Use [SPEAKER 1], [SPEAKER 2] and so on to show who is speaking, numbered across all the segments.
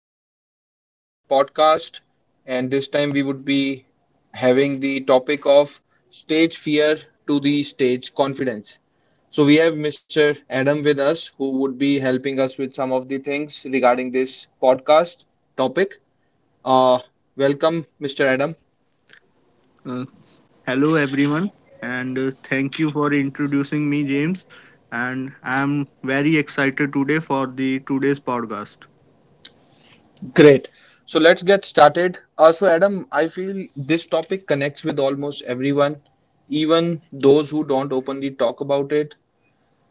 [SPEAKER 1] welcome you to the podcast, and this time we would be having the topic of stage fear to the stage confidence. So we have Mr. Adam with us who would be helping us with some of the things regarding this podcast topic. Uh, Welcome, Mr. Adam.
[SPEAKER 2] Uh, Hello, everyone, and thank you for introducing me, James. And I'm very excited today for the today's podcast.
[SPEAKER 1] Great. So let's get started. Adam, I feel this topic connects with almost everyone, even those who don't openly talk about it.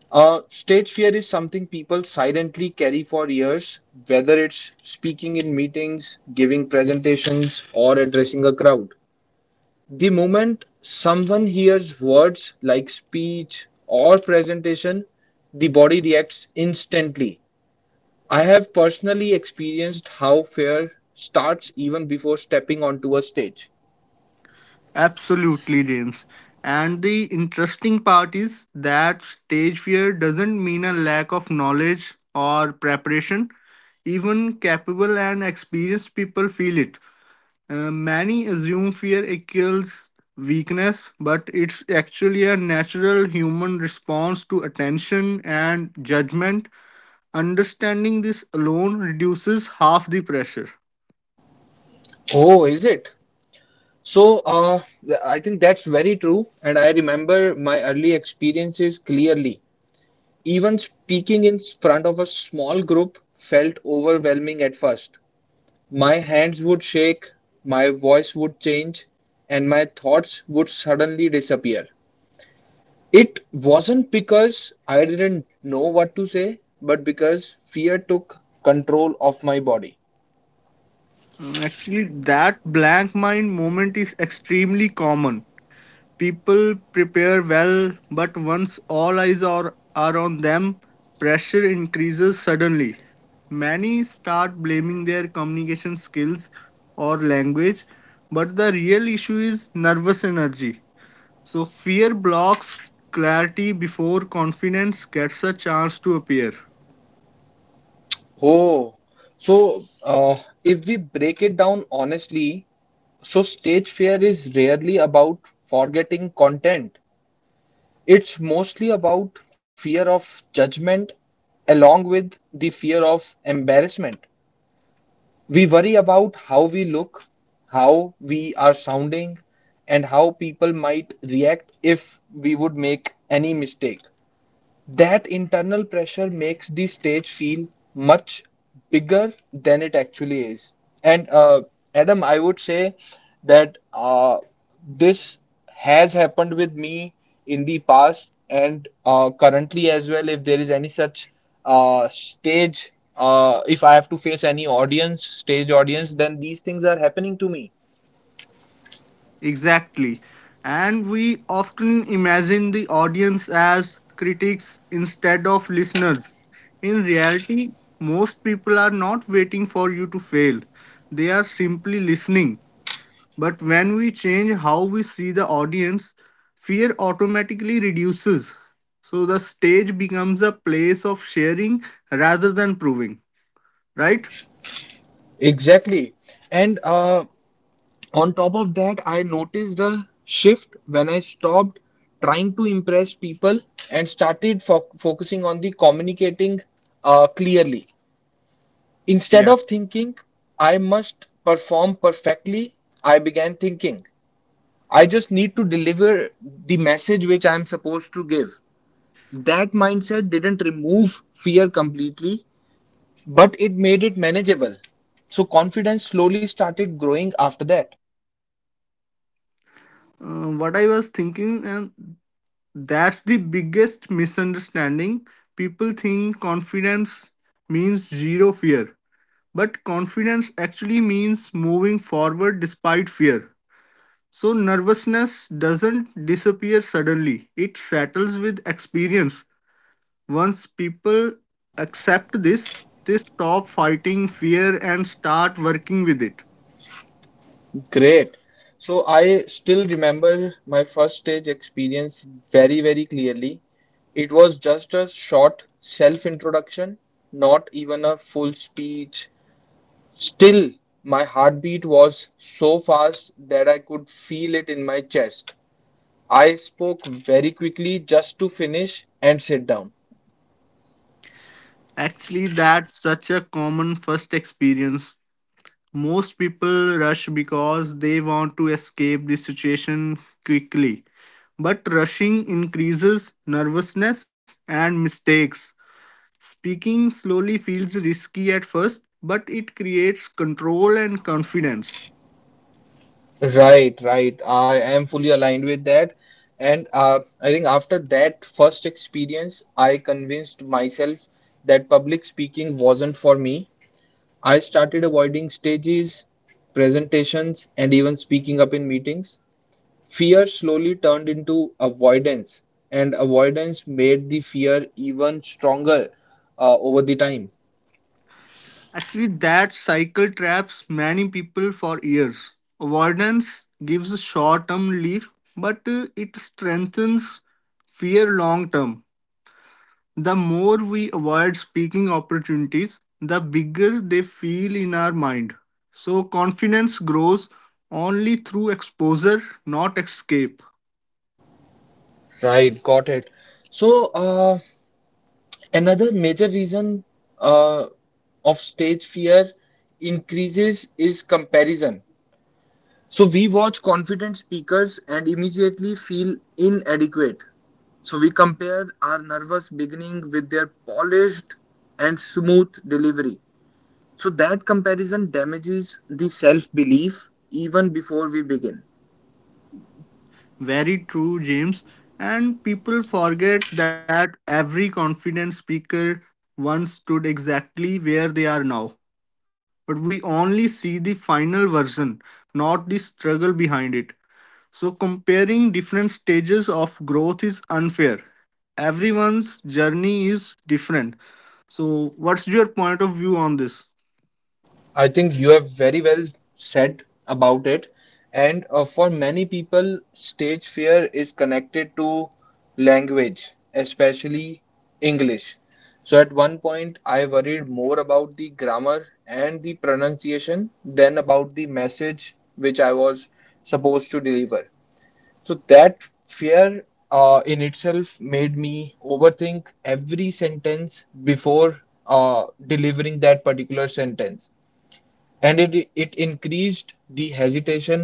[SPEAKER 1] Stage fear is something people silently carry for years, whether it's speaking in meetings, giving presentations, or addressing a crowd. The moment someone hears words like speech or presentation, the body reacts instantly. I have personally experienced how fear starts even before stepping onto a stage.
[SPEAKER 2] Absolutely, James. And the interesting part is that stage fear doesn't mean a lack of knowledge or preparation. Even capable and experienced people feel it. Many assume fear equals weakness, but it's actually a natural human response to attention and judgment. Understanding this alone reduces half the pressure.
[SPEAKER 1] Oh, is it? So, uh, I think that's very true, and I remember my early experiences clearly. Even speaking in front of a small group felt overwhelming at first. My hands would shake, my voice would change, and my thoughts would suddenly disappear. It wasn't because I didn't know what to say, but because fear took control of my body.
[SPEAKER 2] Actually, that blank mind moment is extremely common. People prepare well, but once all eyes are on them, pressure increases suddenly. Many start blaming their communication skills or language, but the real issue is nervous energy. So, fear blocks clarity before confidence gets a chance to appear.
[SPEAKER 1] Oh, so uh, if we break it down honestly, so stage fear is rarely about forgetting content. It's mostly about fear of judgment along with the fear of embarrassment. We worry about how we look, how we are sounding, and how people might react if we would make any mistake. That internal pressure makes the stage feel much bigger than it actually is. And Adam, I would say that this has happened with me in the past and currently as well. If there is any such stage, if I have to face any audience, stage audience, then these things are happening to me.
[SPEAKER 2] Exactly. And we often imagine the audience as critics instead of listeners. In reality, most people are not waiting for you to fail, they are simply listening. But when we change how we see the audience, fear automatically reduces. So the stage becomes a place of sharing rather than proving, right?
[SPEAKER 1] Exactly. And On top of that, I noticed a shift when I stopped trying to impress people and started focusing on the communicating clearly. Instead of thinking I must perform perfectly, I began thinking I just need to deliver the message which I am supposed to give. That mindset didn't remove fear completely, but it made it manageable. So confidence slowly started growing after that.
[SPEAKER 2] What I was thinking, and That's the biggest misunderstanding. People think confidence means zero fear, but confidence actually means moving forward despite fear. So, nervousness doesn't disappear suddenly, it settles with experience. Once people accept this, they stop fighting fear and start working with it.
[SPEAKER 1] Great. So I still remember my first stage experience very, very clearly. It was just a short self-introduction, not even a full speech. Still, my heartbeat was so fast that I could feel it in my chest. I spoke very quickly just to finish and sit down.
[SPEAKER 2] Actually, that's such a common first experience. Most people rush because they want to escape the situation quickly. But rushing increases nervousness and mistakes. Speaking slowly feels risky at first, but it creates control and confidence.
[SPEAKER 1] Right, right. I am fully aligned with that. And I think after that first experience, I convinced myself that public speaking wasn't for me. I started avoiding stages, presentations, and even speaking up in meetings. Fear slowly turned into avoidance, and avoidance made the fear even stronger over the time.
[SPEAKER 2] Actually, that cycle traps many people for years. Avoidance gives short term relief, but it strengthens fear long term. The more we avoid speaking opportunities, the bigger they feel in our mind. So, confidence grows only through exposure, not escape.
[SPEAKER 1] Right, got it. So, uh, Another major reason uh, of stage fear increases is comparison. So we watch confident speakers and immediately feel inadequate. So we compare our nervous beginning with their polished and smooth delivery. So that comparison damages the self belief even before we begin.
[SPEAKER 2] Very true, James. And people forget that every confident speaker once stood exactly where they are now. But we only see the final version, not the struggle behind it. So, comparing different stages of growth is unfair. Everyone's journey is different. So, what's your point of view on this?
[SPEAKER 1] I think you have very well said about it. And For many people, stage fear is connected to language, especially English. So at one point, I worried more about the grammar and the pronunciation than about the message which I was supposed to deliver. So that fear in itself made me overthink every sentence before delivering that particular sentence and it increased the hesitation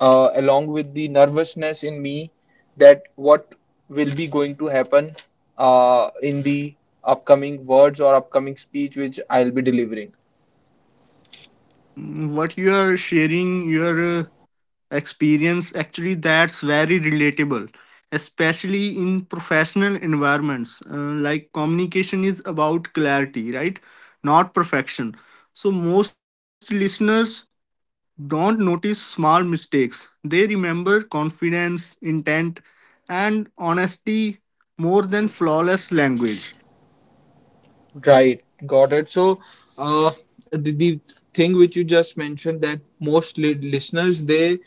[SPEAKER 1] along with the nervousness in me that what will be going to happen in the upcoming words or upcoming speech which I'll be delivering.
[SPEAKER 2] What you are sharing, your experience, actually, that's very relatable, especially in professional environments. Like, communication is about clarity, right? Not perfection. So, most listeners don't notice small mistakes. They remember confidence, intent, and honesty more than flawless language.
[SPEAKER 1] Right, got it. Uh, the thing which you just mentioned that most li listeners they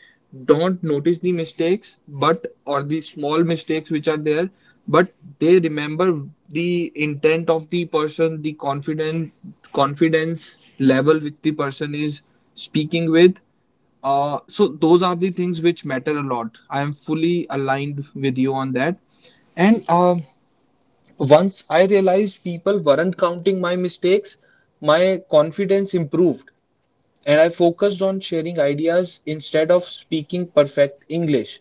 [SPEAKER 1] don't notice the mistakes, but or the small mistakes which are there, but they remember the intent of the person, the confident confidence level which the person is speaking with. So those are the things which matter a lot. I am fully aligned with you on that. And Once I realized people weren't counting my mistakes, my confidence improved and I focused on sharing ideas instead of speaking perfect English.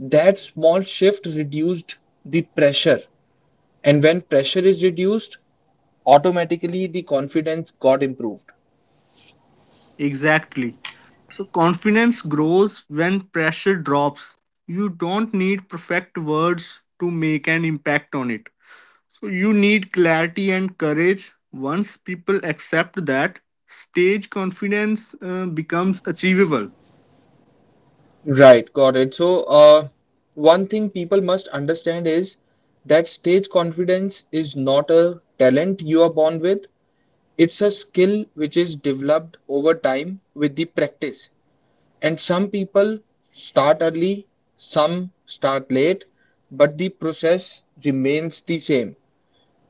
[SPEAKER 1] That small shift reduced the pressure, and when pressure is reduced, automatically the confidence got improved.
[SPEAKER 2] Exactly. So, confidence grows when pressure drops. You don't need perfect words to make an impact on it. So, you need clarity and courage. Once people accept that, stage confidence becomes achievable.
[SPEAKER 1] Right, got it. One thing people must understand is that stage confidence is not a talent you are born with. It's a skill which is developed over time with the practice. And some people start early, some start late, but the process remains the same.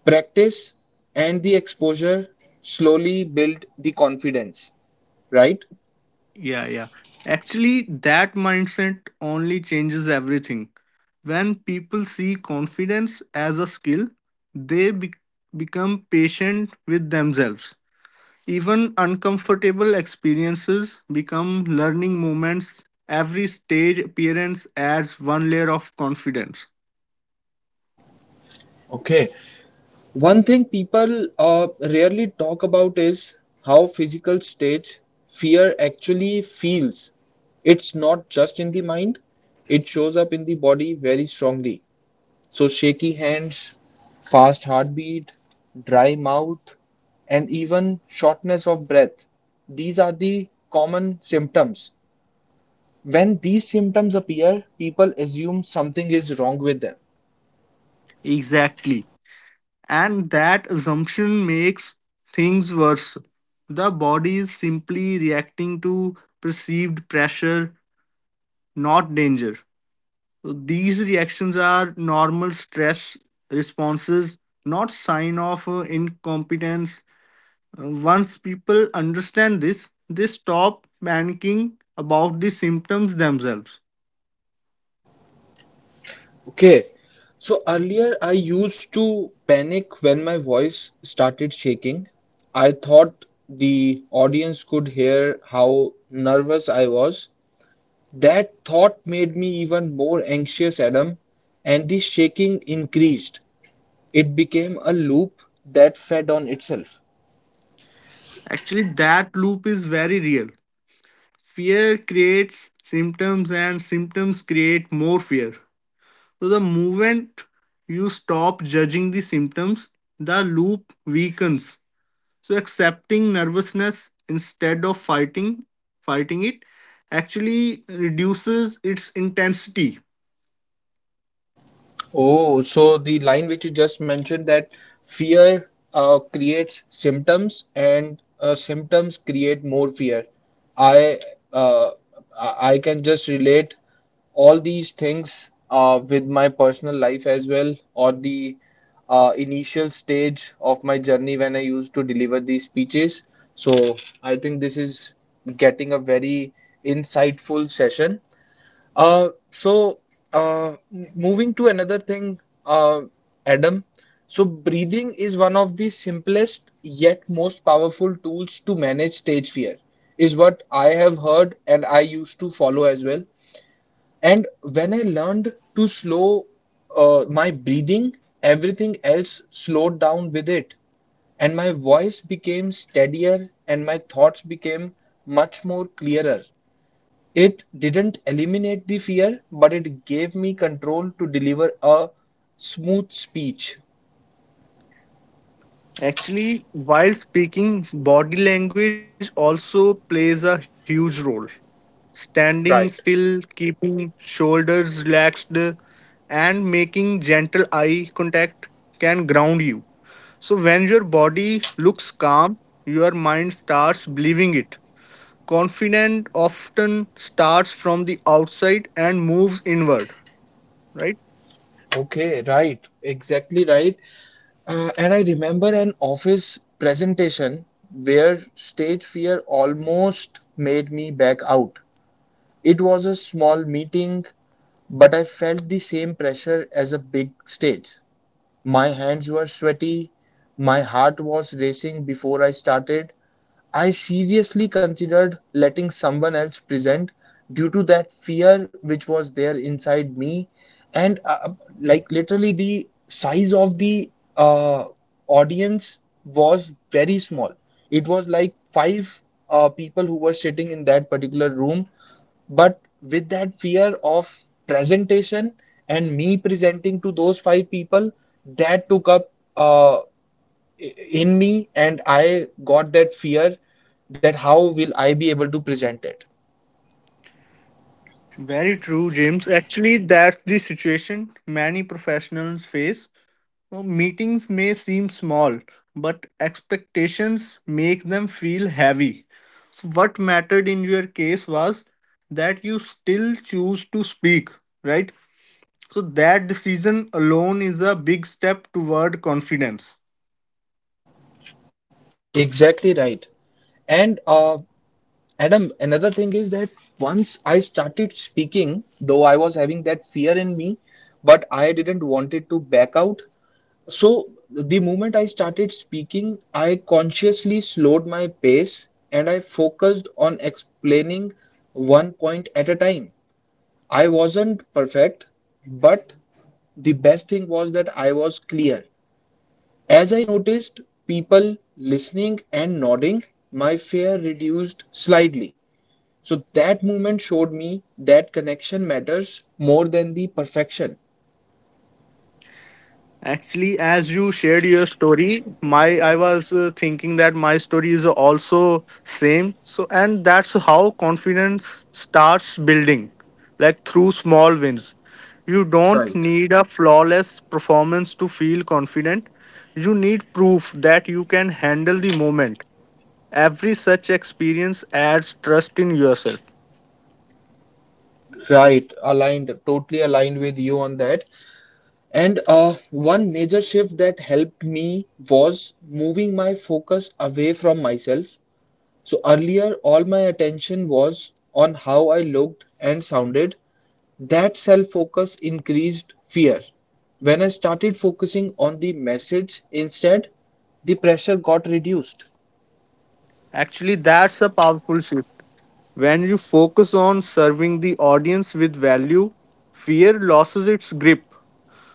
[SPEAKER 1] Practice and the exposure slowly build the confidence, right?
[SPEAKER 2] Yeah, yeah. Actually, that mindset only changes everything. When people see confidence as a skill, they be- become patient with themselves. Even uncomfortable experiences become learning moments. Every stage appearance adds one layer of confidence.
[SPEAKER 1] Okay, one thing people rarely talk about is how physical stage fear actually feels. It's not just in the mind, it shows up in the body very strongly. So, shaky hands, fast heartbeat, dry mouth, and even shortness of breath. These are the common symptoms. When these symptoms appear, people assume something is wrong with them.
[SPEAKER 2] Exactly. And that assumption makes things worse. The body is simply reacting to perceived pressure, not danger. So these reactions are normal stress responses, not sign of incompetence. Once people understand this, they stop panicking about the symptoms themselves.
[SPEAKER 1] Okay, so earlier I used to panic when my voice started shaking. I thought the audience could hear how nervous I was. That thought made me even more anxious, Adam, and the shaking increased. It became a loop that fed on itself.
[SPEAKER 2] Actually, that loop is very real. Fear creates symptoms, and symptoms create more fear. So, the moment you stop judging the symptoms, the loop weakens. So accepting nervousness instead of fighting it actually reduces its intensity.
[SPEAKER 1] Oh, so the line which you just mentioned that fear creates symptoms and symptoms create more fear. I uh, I can just relate all these things with my personal life as well, or the initial stage of my journey when I used to deliver these speeches. So I think this is getting a very insightful session. Uh, so, Moving to another thing, uh, Adam. So, breathing is one of the simplest yet most powerful tools to manage stage fear, is what I have heard and I used to follow as well. And when I learned to slow my breathing, everything else slowed down with it. And my voice became steadier and my thoughts became much more clearer. It didn't eliminate the fear, but it gave me control to deliver a smooth speech.
[SPEAKER 2] Actually, while speaking, body language also plays a huge role. Standing still,
[SPEAKER 1] Right.
[SPEAKER 2] keeping shoulders relaxed, and making gentle eye contact can ground you. So, when your body looks calm, your mind starts believing it. Confident often starts from the outside and moves inward, right?
[SPEAKER 1] Okay, right. Exactly right. And I remember an office presentation where stage fear almost made me back out. It was a small meeting, but I felt the same pressure as a big stage. My hands were sweaty. My heart was racing before I started. I seriously considered letting someone else present due to that fear which was there inside me. And Like literally, the size of the uh, audience was very small. It was like 5 people who were sitting in that particular room. But with that fear of presentation and me presenting to those 5 people, that took up in me, and I got that fear that how will I be able to present it?
[SPEAKER 2] Very true, James. Actually, that's the situation many professionals face. Now, meetings may seem small, but expectations make them feel heavy. So what mattered in your case was that you still choose to speak, right? So that decision alone is a big step toward confidence.
[SPEAKER 1] Exactly right. And Adam, another thing is that once I started speaking, though I was having that fear in me, but I didn't want it to back out. So the moment I started speaking, I consciously slowed my pace and I focused on explaining one point at a time. I wasn't perfect, but the best thing was that I was clear. As I noticed people listening and nodding, my fear reduced slightly. So that moment showed me that connection matters more than the perfection.
[SPEAKER 2] Actually, as you shared your story, my I was thinking that my story is also same. So, and that's how confidence starts building, like through small wins. You don't
[SPEAKER 1] Right.
[SPEAKER 2] need a flawless performance to feel confident. You need proof that you can handle the moment. Every such experience adds trust in yourself.
[SPEAKER 1] Right, aligned, totally aligned with you on that. And One major shift that helped me was moving my focus away from myself. So earlier, all my attention was on how I looked and sounded. That self focus increased fear. When I started focusing on the message instead, the pressure got reduced.
[SPEAKER 2] Actually, that's a powerful shift. When you focus on serving the audience with value, fear loses its grip.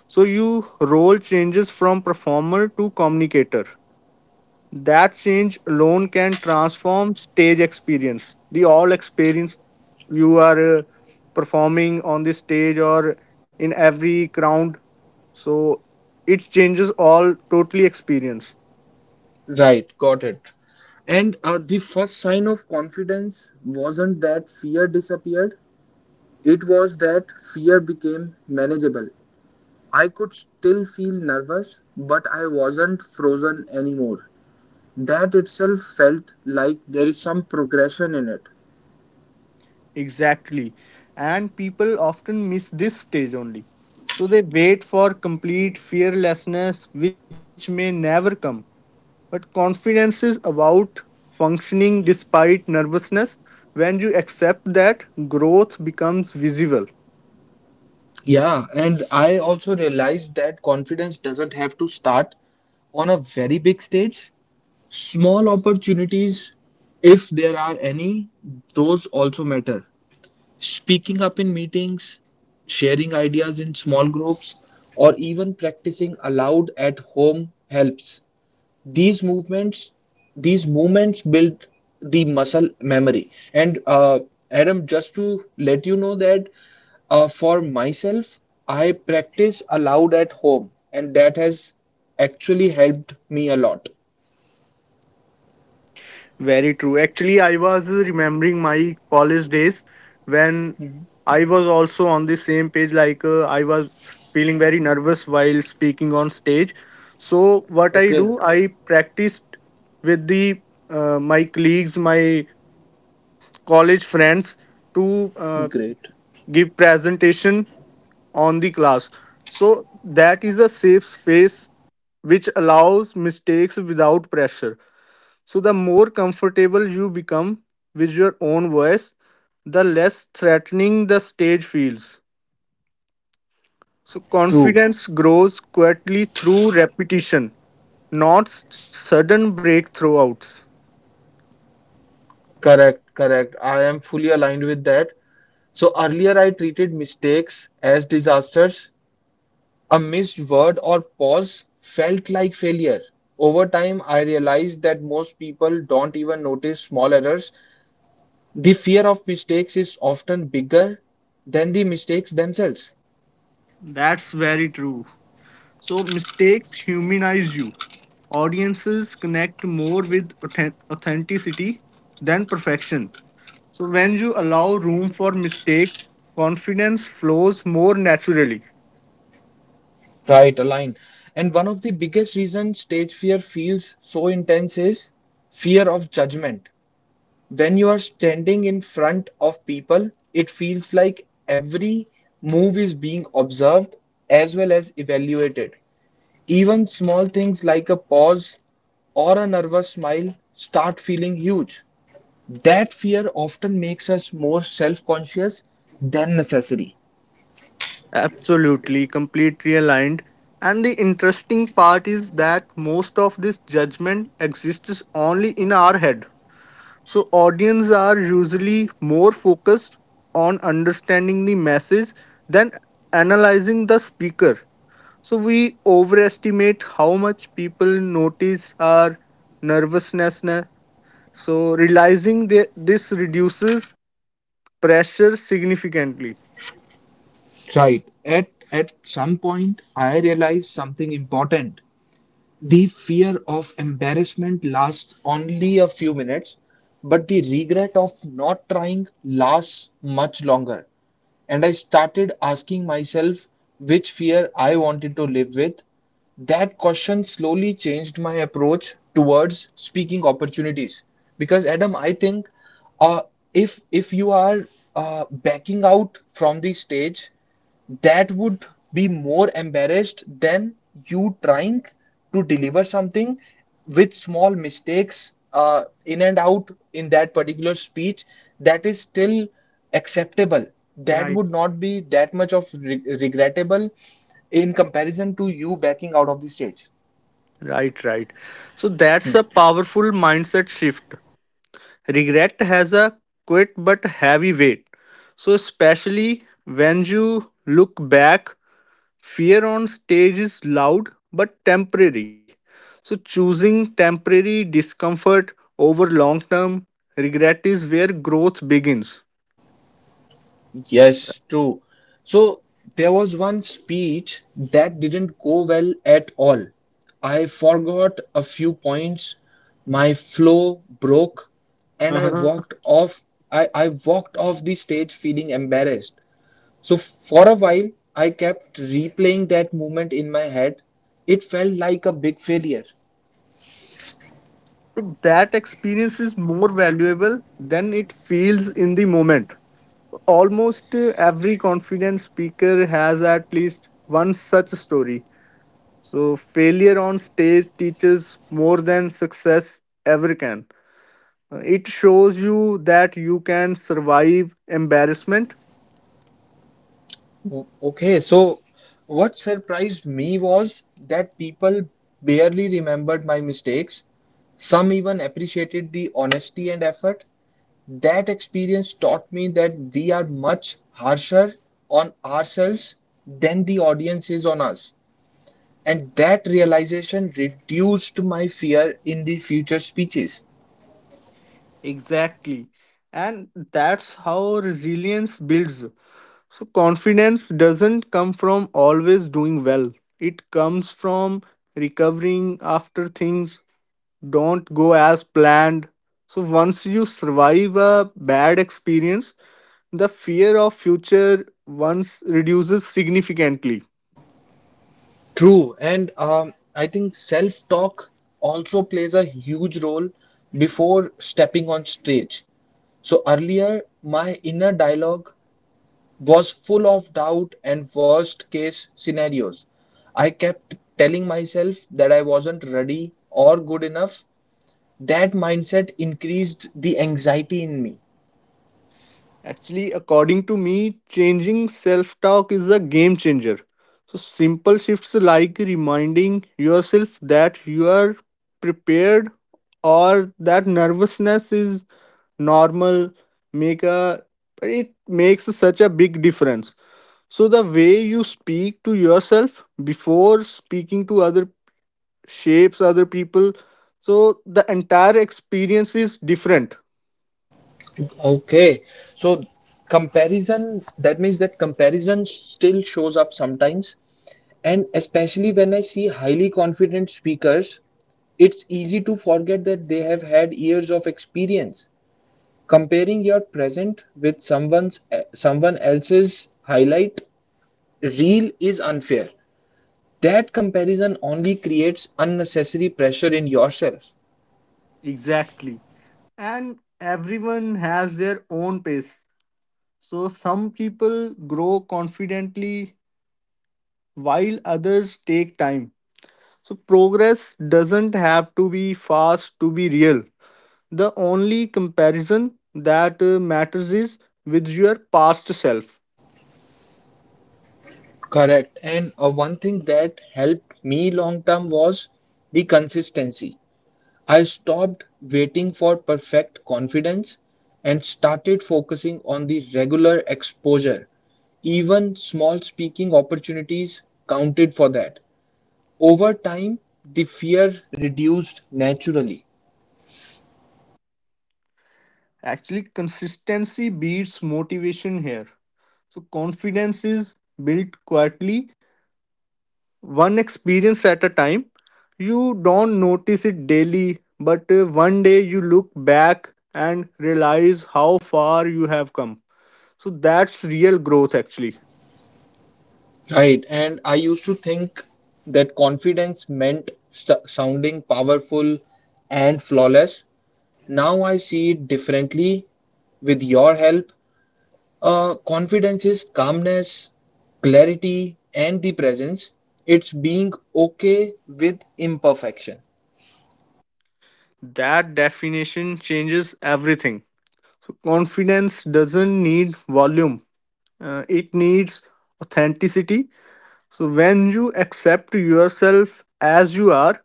[SPEAKER 2] So your role changes from performer to communicator. That change alone can transform stage experience. The all experience you are performing on the stage or in every crowd. So it changes all totally experience.
[SPEAKER 1] Right, got it. And The first sign of confidence wasn't that fear disappeared, it was that fear became manageable. I could still feel nervous, but I wasn't frozen anymore. That itself felt like there is some progression in it.
[SPEAKER 2] Exactly. And people often miss this stage only. So they wait for complete fearlessness, which may never come. But confidence is about functioning despite nervousness. When you accept that, growth becomes visible.
[SPEAKER 1] Yeah, and I also realized that confidence doesn't have to start on a very big stage. Small opportunities, if there are any, those also matter. Speaking up in meetings, sharing ideas in small groups, or even practicing aloud at home helps. these movements these movements build the muscle memory and Adam, just to let you know that for myself I practice aloud at home and that has actually helped me a lot.
[SPEAKER 2] Very true. Actually, I was remembering my college days when
[SPEAKER 1] Mhm.
[SPEAKER 2] I was also on the same page, like I was feeling very nervous while speaking on stage. So, what I
[SPEAKER 1] Okay.
[SPEAKER 2] do, I practiced with the my colleagues, my college friends to
[SPEAKER 1] Great.
[SPEAKER 2] give presentation on the class. So that is a safe space which allows mistakes without pressure. So the more comfortable you become with your own voice, the less threatening the stage feels. So
[SPEAKER 1] True.
[SPEAKER 2] confidence grows quietly through repetition, not s- sudden breakthroughs.
[SPEAKER 1] Correct, correct, I am fully aligned with that. So earlier I treated mistakes as disasters. A missed word or pause felt like failure. Over time, I realized that most people don't even notice small errors. The fear of mistakes is often bigger than the mistakes themselves.
[SPEAKER 2] That's very true. So mistakes humanize you. Audiences connect more with authenticity than perfection. So, when you allow room for mistakes, confidence flows more naturally.
[SPEAKER 1] Right, align. And one of the biggest reasons stage fear feels so intense is fear of judgment. When you are standing in front of people, it feels like every move is being observed as well as evaluated. Even small things like a pause or a nervous smile start feeling huge. That fear often makes us more self conscious than necessary.
[SPEAKER 2] Absolutely, completely aligned. And the interesting part is that most of this judgment exists only in our head. So, audience are usually more focused on understanding the message than analyzing the speaker. So we overestimate how much people notice our nervousness. Na. So realizing that this reduces pressure significantly.
[SPEAKER 1] Right. At some point, I realized something important. The fear of embarrassment lasts only a few minutes, but the regret of not trying lasts much longer. And I started asking myself which fear I wanted to live with. That question slowly changed my approach towards speaking opportunities. Because, Adam, I think uh, if you are backing out from the stage, that would be more embarrassed than you trying to deliver something with small mistakes in and out in that particular speech, that is still acceptable, that
[SPEAKER 2] Right.
[SPEAKER 1] would not be that much of regrettable in comparison to you backing out of the stage.
[SPEAKER 2] Right, right. So that's
[SPEAKER 1] Hmm.
[SPEAKER 2] a powerful mindset shift. Regret has a quite but heavy weight. So especially when you look back, fear on stage is loud but temporary. So, choosing temporary discomfort over long term regret is where growth begins.
[SPEAKER 1] Yes, true. So there was one speech that didn't go well at all. I forgot a few points, my flow broke, and I
[SPEAKER 2] Uh-huh.
[SPEAKER 1] walked off. I walked off the stage feeling embarrassed. So for a while, I kept replaying that moment in my head. It felt like a big failure.
[SPEAKER 2] So, that experience is more valuable than it feels in the moment. Almost every confident speaker has at least one such story. So, failure on stage teaches more than success ever can. It shows you that you can survive embarrassment.
[SPEAKER 1] Okay, so what surprised me was that people barely remembered my mistakes. Some even appreciated the honesty and effort. That experience taught me that we are much harsher on ourselves than the audience is on us. And that realization reduced my fear in the future speeches.
[SPEAKER 2] Exactly. And that's how resilience builds. So, confidence doesn't come from always doing well, it comes from recovering after things don't go as planned. So, once you survive a bad experience, the fear of future once reduces significantly.
[SPEAKER 1] True, and I think self-talk also plays a huge role before stepping on stage. So earlier, my inner dialogue was full of doubt and worst case scenarios. I kept telling myself that I wasn't ready or good enough. That mindset increased the anxiety in me.
[SPEAKER 2] Actually, according to me, changing self talk is a game changer. So, simple shifts like reminding yourself that you are prepared or that nervousness is normal make a, it makes such a big difference. So the way you speak to yourself before speaking to other shapes other people. So the entire experience is different.
[SPEAKER 1] Okay, so comparison, that means that comparison still shows up sometimes, and especially when I see highly confident speakers, it's easy to forget that they have had years of experience. Comparing your present with someone else's highlight reel is unfair. That comparison only creates unnecessary pressure in yourself.
[SPEAKER 2] Exactly. And everyone has their own pace. So some people grow confidently while others take time. So progress doesn't have to be fast to be real. The only comparison that matters is with your past self.
[SPEAKER 1] Correct. And one thing that helped me long term was the consistency. I stopped waiting for perfect confidence and started focusing on the regular exposure. Even small speaking opportunities counted for that. Over time, the fear reduced naturally.
[SPEAKER 2] Actually, consistency beats motivation here. So confidence is built quietly one experience at a time. You don't notice it daily, but one day you look back and realize how far you have come. So that's real growth, actually.
[SPEAKER 1] Right. And I used to think that confidence meant sounding powerful and flawless. Now I see it differently. With your help, confidence is calmness, clarity and the presence. It's being okay with imperfection.
[SPEAKER 2] That definition changes everything. So confidence doesn't need volume, it needs authenticity. So when you accept yourself as you are,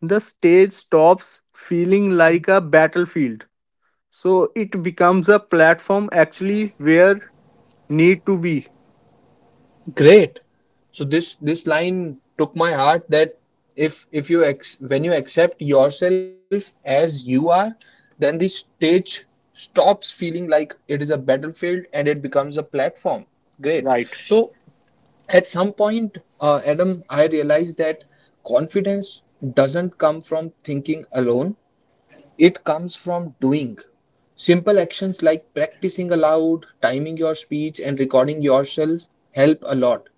[SPEAKER 2] the stage stops feeling like a battlefield, so it becomes a platform actually where need to be.
[SPEAKER 1] Great. So this line took my heart, that if you ex when you accept yourself as you are, then the stage stops feeling like it is a battlefield and it becomes a platform. Great.
[SPEAKER 2] Right.
[SPEAKER 1] So at some point, Adam, I realized that confidence doesn't come from thinking alone. It comes from doing. Simple actions like practicing aloud, timing your speech, and recording yourself help a lot.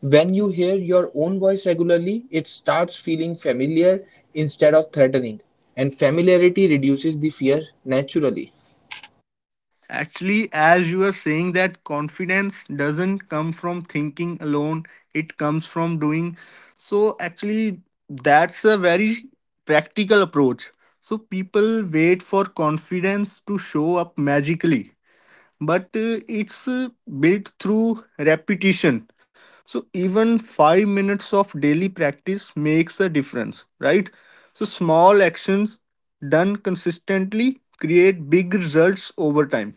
[SPEAKER 1] When you hear your own voice regularly, it starts feeling familiar instead of threatening, and familiarity reduces the fear naturally.
[SPEAKER 2] Actually, as you are saying that confidence doesn't come from thinking alone, it comes from doing. So, actually, that's a very practical approach. So, people wait for confidence to show up magically, but it's built through repetition. So even 5 minutes of daily practice makes a difference, right? So small actions done consistently create big results over time.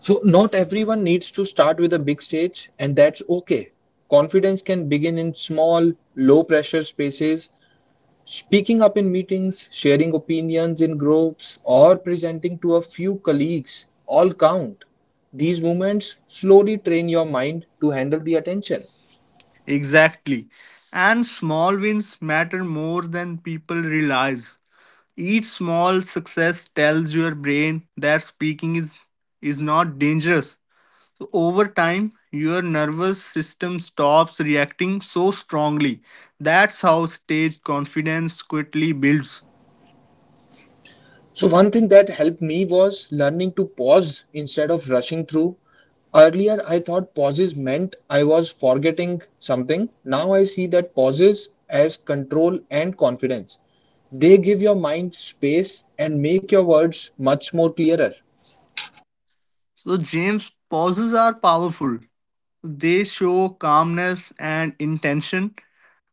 [SPEAKER 1] So, not everyone needs to start with a big stage, and that's okay. Confidence can begin in small, low pressure spaces. Speaking up in meetings, sharing opinions in groups, or presenting to a few colleagues all count. These movements slowly train your mind to handle the attention.
[SPEAKER 2] Exactly. And small wins matter more than people realize. Each small success tells your brain that speaking is not dangerous. So over time, your nervous system stops reacting so strongly. That's how stage confidence quickly builds.
[SPEAKER 1] So, one thing that helped me was learning to pause instead of rushing through. Earlier, I thought pauses meant I was forgetting something. Now, I see that pauses as control and confidence. They give your mind space and make your words much more clearer.
[SPEAKER 2] So, James, pauses are powerful. They show calmness and intention,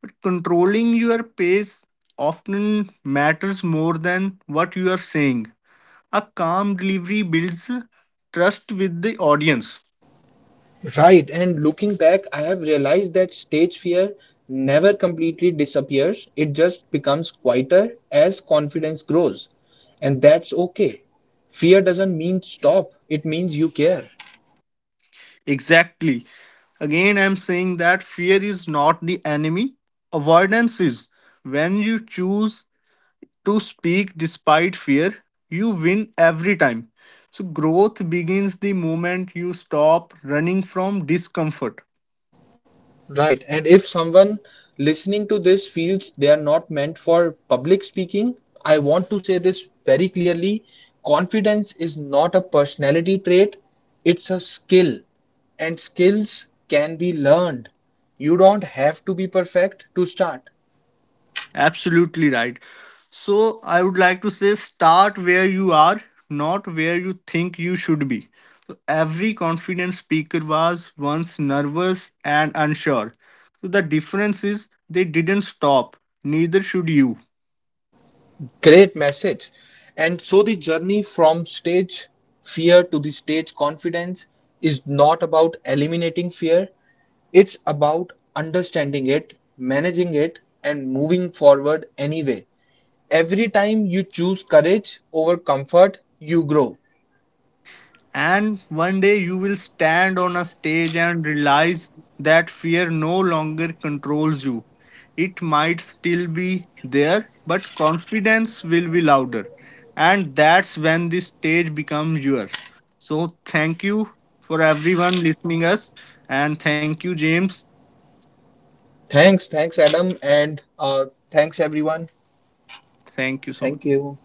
[SPEAKER 2] but controlling your pace often matters more than what you are saying. A calm delivery builds trust with the audience.
[SPEAKER 1] Right, and looking back, I have realized that stage fear never completely disappears. It just becomes quieter as confidence grows. And that's okay. Fear doesn't mean stop, it means you care.
[SPEAKER 2] Exactly. Again, I'm saying that fear is not the enemy, avoidance is. When you choose to speak despite fear, you win every time. So, growth begins the moment you stop running from discomfort.
[SPEAKER 1] Right. And if someone listening to this feels they are not meant for public speaking, I want to say this very clearly. Confidence is not a personality trait, it's a skill, and skills can be learned. You don't have to be perfect to start.
[SPEAKER 2] Absolutely right. So I would like to say start where you are, not where you think you should be. So every confident speaker was once nervous and unsure. So the difference is they didn't stop, neither should you.
[SPEAKER 1] Great message. And so the journey from stage fear to the stage confidence is not about eliminating fear, it's about understanding it, managing it, and moving forward anyway. Every time you choose courage over comfort, you grow.
[SPEAKER 2] And one day you will stand on a stage and realize that fear no longer controls you. It might still be there, but confidence will be louder. And that's when the stage becomes yours. So thank you for everyone listening us and thank you, James.
[SPEAKER 1] Thanks, thanks, Adam, and thanks, everyone.
[SPEAKER 2] Thank you so much.
[SPEAKER 1] Thank you.